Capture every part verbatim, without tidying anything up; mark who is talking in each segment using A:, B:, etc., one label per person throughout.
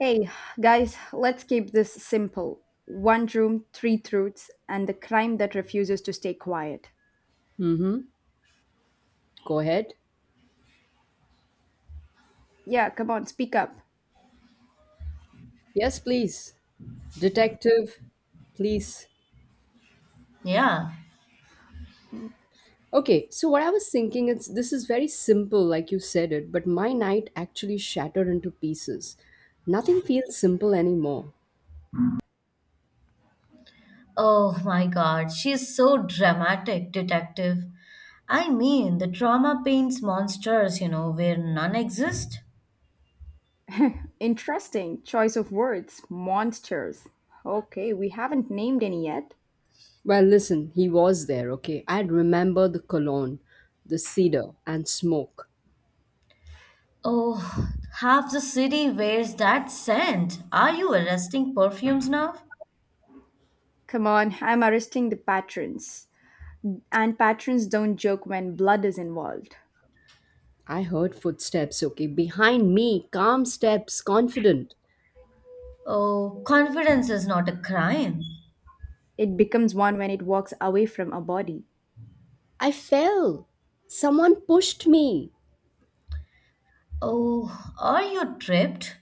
A: Hey, guys, let's keep this simple. One room, three truths, and the crime that refuses to stay quiet.
B: Mm-hmm. Go ahead.
A: Yeah, come on, speak up.
B: Yes, please. Detective, please.
C: Yeah.
B: Okay, so what I was thinking is this is very simple, like you said it, but my night actually shattered into pieces. Nothing feels simple anymore.
C: Oh my God, she's so dramatic, detective. I mean, the trauma paints monsters, you know, where none exist.
A: Interesting choice of words. Monsters. Okay, we haven't named any yet.
B: Well, listen, he was there, okay? I'd remember the cologne, the cedar, and smoke.
C: Oh, half the city wears that scent. Are you arresting perfumes now?
A: Come on, I'm arresting the patrons. And patrons don't joke when blood is involved.
B: I heard footsteps, okay? Behind me, calm steps, confident.
C: Oh, confidence is not a crime.
A: It becomes one when it walks away from a body.
B: I fell. Someone pushed me.
C: Oh, are you tripped?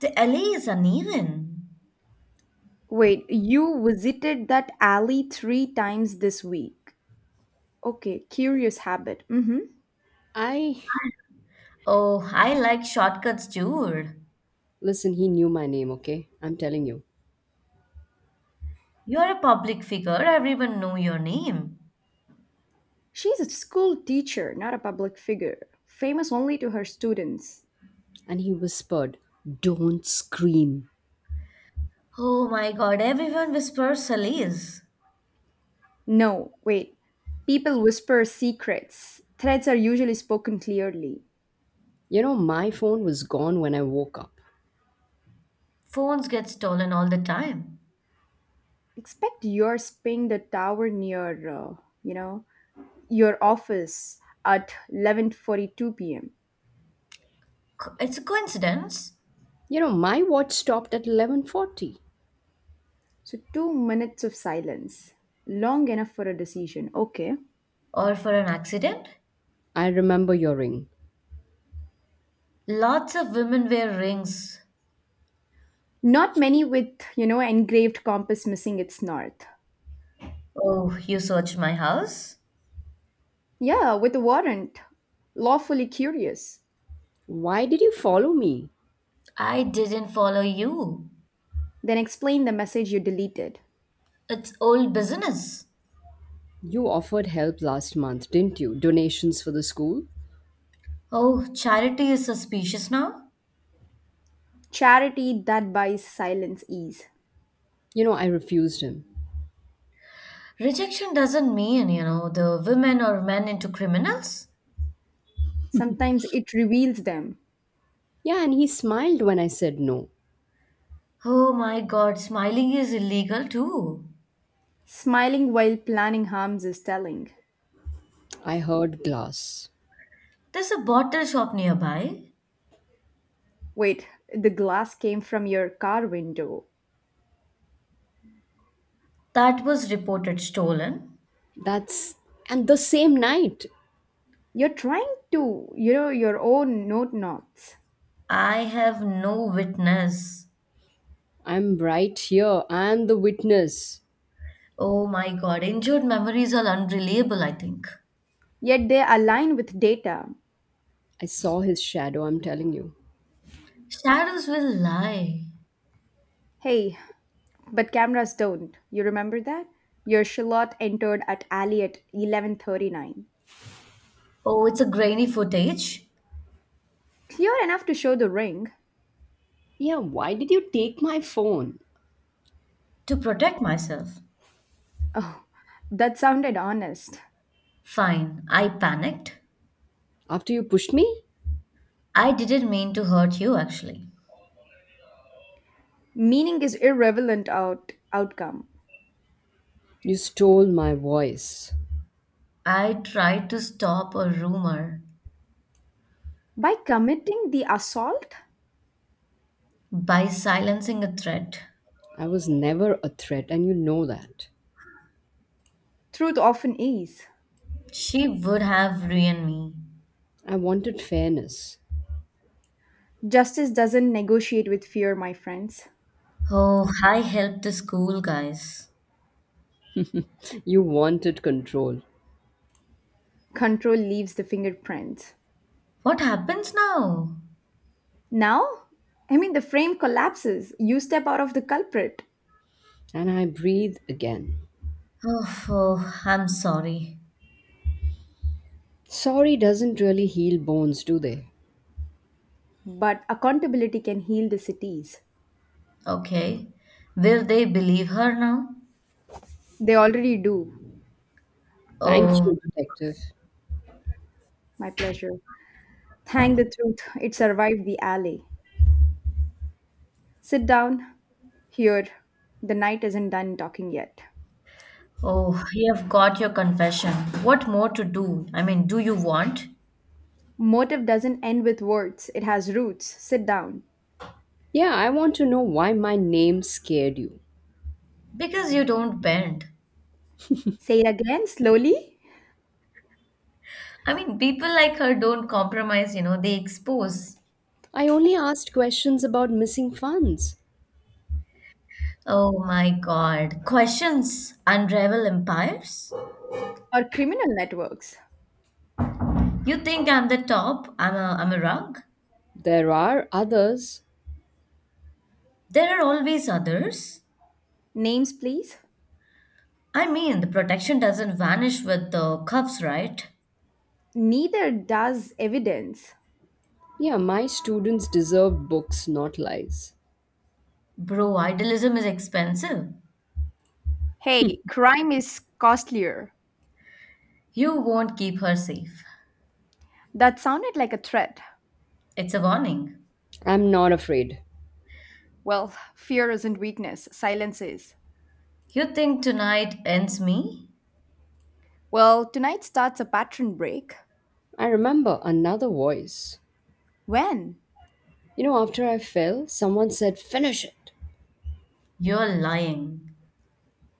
C: The alley is uneven.
A: Wait, you visited that alley three times this week. Okay, curious habit. Mm hmm.
B: I.
C: Oh, I like shortcuts, dude.
B: Listen, he knew my name, okay? I'm telling you.
C: You're a public figure, everyone know your name.
A: She's a school teacher, not a public figure, famous only to her students.
B: And he whispered, "Don't scream."
C: Oh my god, everyone whispers Sally's.
A: No, wait. People whisper secrets. Threats are usually spoken clearly.
B: You know, my phone was gone when I woke up.
C: Phones get stolen all the time.
A: Expect yours ping the tower near, uh, you know, your office at eleven forty-two p m.
C: Co- It's a coincidence
B: You know, my watch stopped at eleven forty.
A: So two minutes of silence, long enough for a decision. Okay.
C: or for an accident.
B: I remember your ring.
C: Lots of women wear rings.
A: Not many with, you know, engraved compass missing its north.
C: Oh, you searched my house?
A: Yeah, with a warrant. Lawfully curious.
B: Why did you follow me?
C: I didn't follow you.
A: Then explain the message you deleted.
C: It's old business.
B: You offered help last month, didn't you? Donations for the school?
C: Oh, charity is suspicious now?
A: Charity that buys silence ease.
B: You know, I refused him.
C: Rejection doesn't mean, you know, the women or men into criminals.
A: Sometimes it reveals them.
B: Yeah, and he smiled when I said no.
C: Oh my god, smiling is illegal too.
A: Smiling while planning harms is telling.
B: I heard glass.
C: There's a bottle shop nearby.
A: Wait, the glass came from your car window.
C: That was reported stolen.
B: That's and the same night.
A: You're trying to, you know, your own note knots.
C: I have no witness.
B: I'm right here. I'm the witness.
C: Oh my god, injured memories are unreliable, I think.
A: Yet they align with data.
B: I saw his shadow, I'm telling you.
C: Shadows will lie.
A: Hey, but cameras don't. You remember that? Your shallot entered at alley at eleven thirty-nine.
C: Oh, it's a grainy footage
A: Clear enough to show the ring.
B: Yeah, why did you take my phone?
C: to protect myself.
A: Oh, that sounded honest.
C: Fine, I panicked.
B: After you pushed me,
C: I didn't mean to hurt you, actually.
A: Meaning is irrelevant out, outcome.
B: you stole my voice.
C: I tried to stop a rumor
A: By committing the assault,
C: by silencing a threat.
B: I was never a threat, and you know that.
A: truth often is.
C: She would have ruined me.
B: I wanted fairness.
A: Justice doesn't negotiate with fear, my friends.
C: Oh, I helped the school, guys.
B: You wanted control.
A: Control leaves the fingerprints.
C: What happens now?
A: Now, I mean, the frame collapses. You step out of the culprit,
B: And I breathe again.
C: Oh, oh, I'm sorry.
B: Sorry doesn't really heal bones, do they?
A: but accountability can heal the cities.
C: Okay. Will they believe her now?
A: They already do.
B: Thank
C: Oh,
B: you, Detective.
A: My pleasure. Thank the truth, it survived the alley. Sit down. Here, the night isn't done talking yet.
C: oh, you have got your confession. What more to do? I mean, do you want?
A: Motive doesn't end with words, it has roots. Sit down.
B: Yeah, I want to know why my name scared you.
C: Because you don't bend.
A: Say it again slowly.
C: I mean, people like her don't compromise, you know, they expose.
B: I only asked questions about missing funds.
C: Oh my God. Questions unravel empires?
A: Or criminal networks.
C: You think I'm the top? I'm a, I'm a rug?
B: There are others.
C: There are always others.
A: Names, please.
C: I mean, the protection doesn't vanish with the cuffs, right?
A: Neither does evidence.
B: Yeah, my students deserve books, not lies.
C: Bro, idealism is expensive.
A: Hey, crime is costlier.
C: You won't keep her safe.
A: That sounded like a threat.
C: It's a warning.
B: I'm not afraid.
A: Well, fear isn't weakness, silence is.
C: You think tonight ends me?
A: Well, tonight starts a pattern break.
B: I remember another voice.
A: When?
B: You know, after I fell, someone said, "Finish it."
C: You're lying.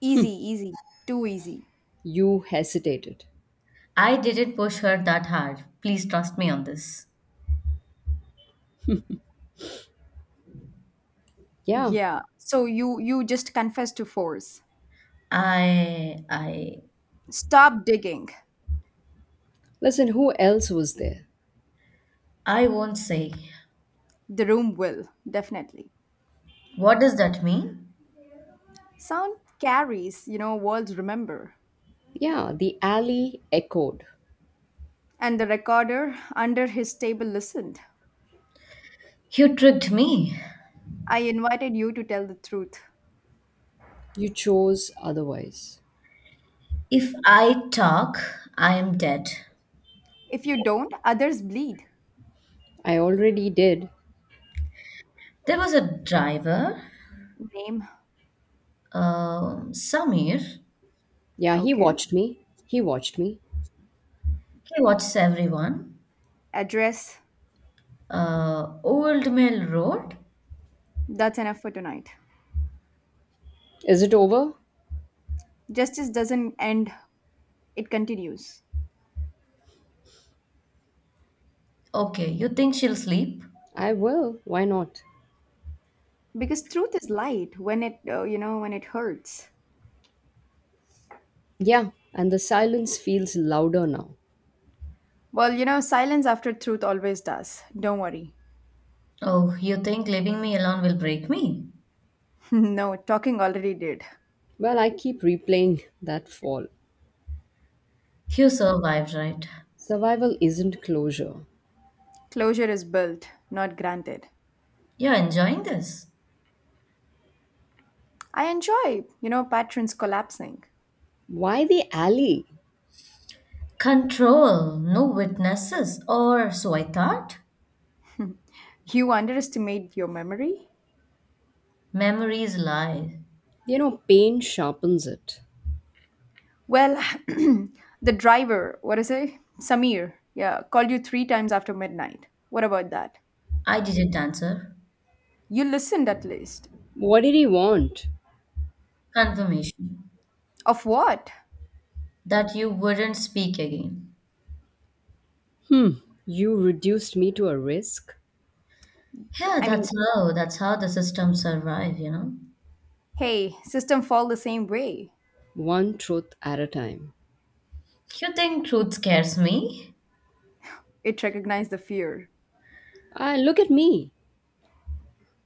A: Easy, easy. Too easy.
B: You hesitated.
C: I didn't push her that hard. Please trust me on this.
B: Yeah.
A: Yeah. So you you just confess to force.
C: I, I,
A: Stop digging.
B: Listen, who else was there?
C: I won't say.
A: The room will, definitely.
C: What does that mean?
A: Sound carries, you know, words remember.
B: Yeah, the alley echoed.
A: And the recorder under his table listened.
C: You tricked me.
A: I invited you to tell the truth.
B: You chose otherwise.
C: If I talk, I am dead.
A: If you don't, others bleed.
B: I already did.
C: There was a driver,
A: Name,
C: um, Samir. He
B: Yeah, he
A: okay.
B: watched me. He watched me.
C: watches everyone.
A: Address,
C: Uh, Old Mill Road.
A: that's enough for tonight.
B: Is it over?
A: Justice doesn't end, it continues.
C: Okay, you think she'll sleep?
B: I will. Why not?
A: Because truth is light when it, uh, you know, when it hurts.
B: Yeah, and the silence feels louder now.
A: Well, you know, silence after truth always does. Don't worry.
C: Oh, you think leaving me alone will break me?
A: No, talking already did.
B: Well, I keep replaying that fall.
C: You survived, right?
B: Survival isn't closure.
A: Closure is built, not granted.
C: You're enjoying this.
A: I enjoy, you know, patterns collapsing.
B: Why the alley?
C: Control, no witnesses, or so I thought.
A: You underestimate your memory?
C: Memories lie.
B: You know, pain sharpens it.
A: Well, the driver, what is it? Samir, yeah, called you three times after midnight. What about that?
C: I didn't answer.
A: You listened at least.
B: What did he want?
C: Confirmation
A: Of what?
C: that you wouldn't speak again.
B: Hmm, you reduced me to a risk,
C: Yeah,
A: I
C: that's
A: mean,
C: how that's how the system survive, you know.
A: hey, system fall the same way.
B: one truth at a time.
C: You think truth scares me?
A: It recognized the fear.
B: Ah, look at me.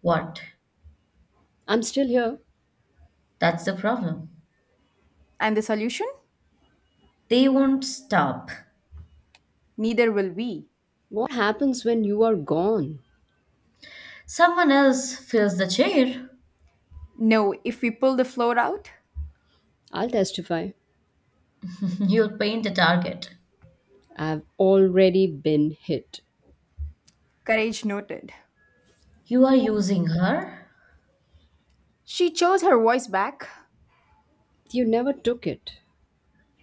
C: What?
B: I'm still here.
C: That's the problem.
A: And the solution?
C: They won't stop.
A: Neither will we.
B: What happens when you are gone?
C: Someone else fills the chair.
A: No, if we pull the floor out,
B: I'll testify.
C: You'll paint the target.
B: I've already been hit.
A: courage noted.
C: You are using her?
A: She chose her voice back
B: You never took it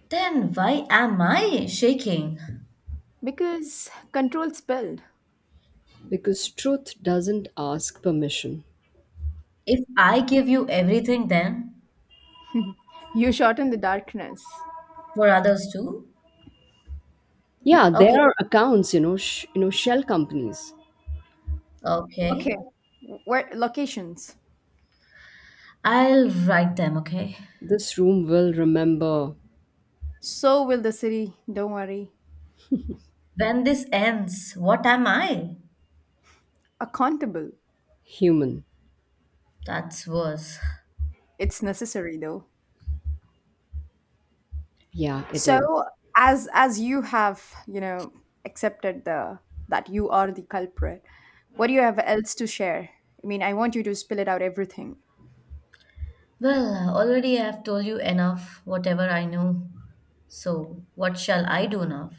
C: Then why am I shaking?
A: because control spilled.
B: because truth doesn't ask permission.
C: If I give you everything, then
A: You shot in the darkness.
C: for others too?
B: Yeah, there
C: Okay,
B: are accounts, you know, sh- you know, shell companies.
C: okay.
A: Okay. Where locations?
C: I'll write them, okay?
B: This room will remember
A: So will the city, don't worry.
C: When this ends, what am I?
A: Accountable.
B: human.
C: That's worse.
A: It's necessary though.
B: Yeah, it is.
A: So as as you have, you know, accepted the that you are the culprit, what do you have else to share? I mean, I want you to spill it out everything.
C: Well, already I have told you enough, whatever I know. So, what shall I do now?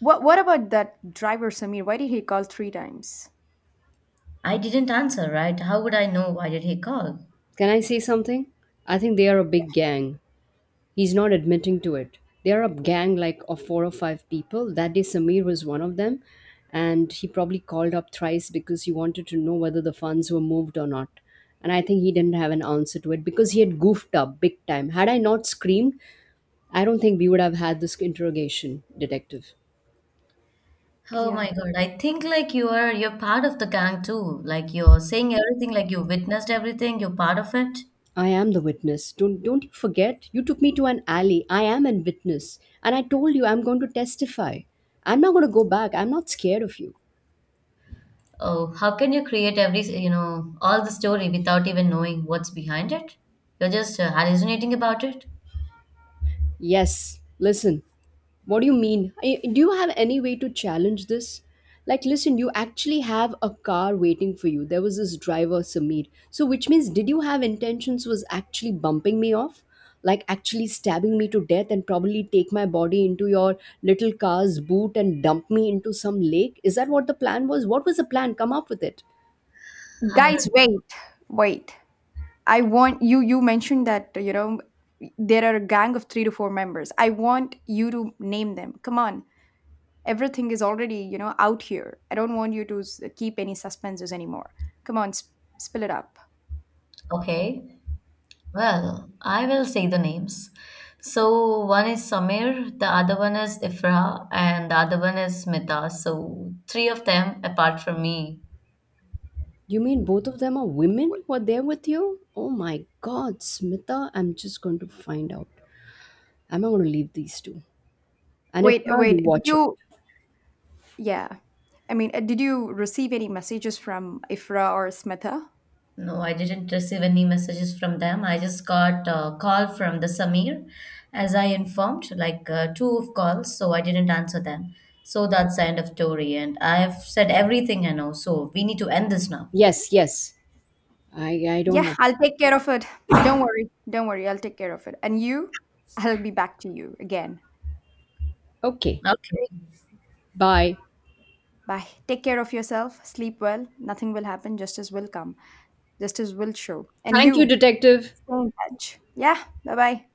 A: What what about that driver Samir? Why did he call three times?
C: I didn't answer, right? How would I know why did he call?
B: Can I say something? I think they are a big gang. He's not admitting to it. They're a gang like of four or five people. That day, Samir was one of them, and he probably called up thrice because he wanted to know whether the funds were moved or not. And I think he didn't have an answer to it because he had goofed up big time. Had I not screamed, I don't think we would have had this interrogation, detective.
C: Oh my
A: Yeah.
C: God. I think like you are you're part of the gang too. Like you're saying everything, like you witnessed everything, you're part of it.
B: I am the witness. Don't don't you forget? You took me to an alley. I am a witness, and I told you I'm going to testify. I'm not going to go back. I'm not scared of you.
C: Oh, how can you create every, you know, all the story without even knowing what's behind it? You're just uh, hallucinating about it?
B: Yes, listen. What do you mean? I- Do you have any way to challenge this? Like, listen, you actually have a car waiting for you. There was this driver, Samir. So, which means, did you have intentions was actually bumping me off? Like, actually stabbing me to death and probably take my body into your little car's boot and dump me into some lake? Is that what the plan was? What was the plan? Come up with it.
C: I
A: Guys,
C: don't.
A: wait. Wait. I want you you mentioned that you know there are a gang of three to four members. I want you to name them. Come on. Everything is already, you know, out here. I don't want you to s- keep any suspenses anymore. Come on, sp- spill it up.
C: Okay. Well, I will say the names. So one is Samir, the other one is Ifra, and the other one is Smita. So three of them apart from me.
B: You mean both of them are women who are there with you? Oh my god, Smita, I'm just going to find out. I'm not going to leave these two.
A: Wait,
B: Anitra, you
A: wait. Did
B: watch it.
A: you yeah. I mean, uh, did you receive any messages from Ifra or Smitha?
C: No, I didn't receive any messages from them. I just got a call from the Samir, as I informed, like uh, two of calls, so I didn't answer them. So that's the end of story, and I have said everything I know. So we need to end this now.
B: Yes, yes. I I don't
A: Yeah,
B: have.
A: I'll take care of it. Don't worry. Don't worry. I'll take care of it. And you, I'll be back to you again.
B: Okay.
C: Okay.
B: Bye.
A: Bye. Take care of yourself. Sleep well. Nothing will happen. Justice will come. Just as will show. And
B: Thank you,
A: you,
B: detective.
A: stay in touch. Yeah, bye bye.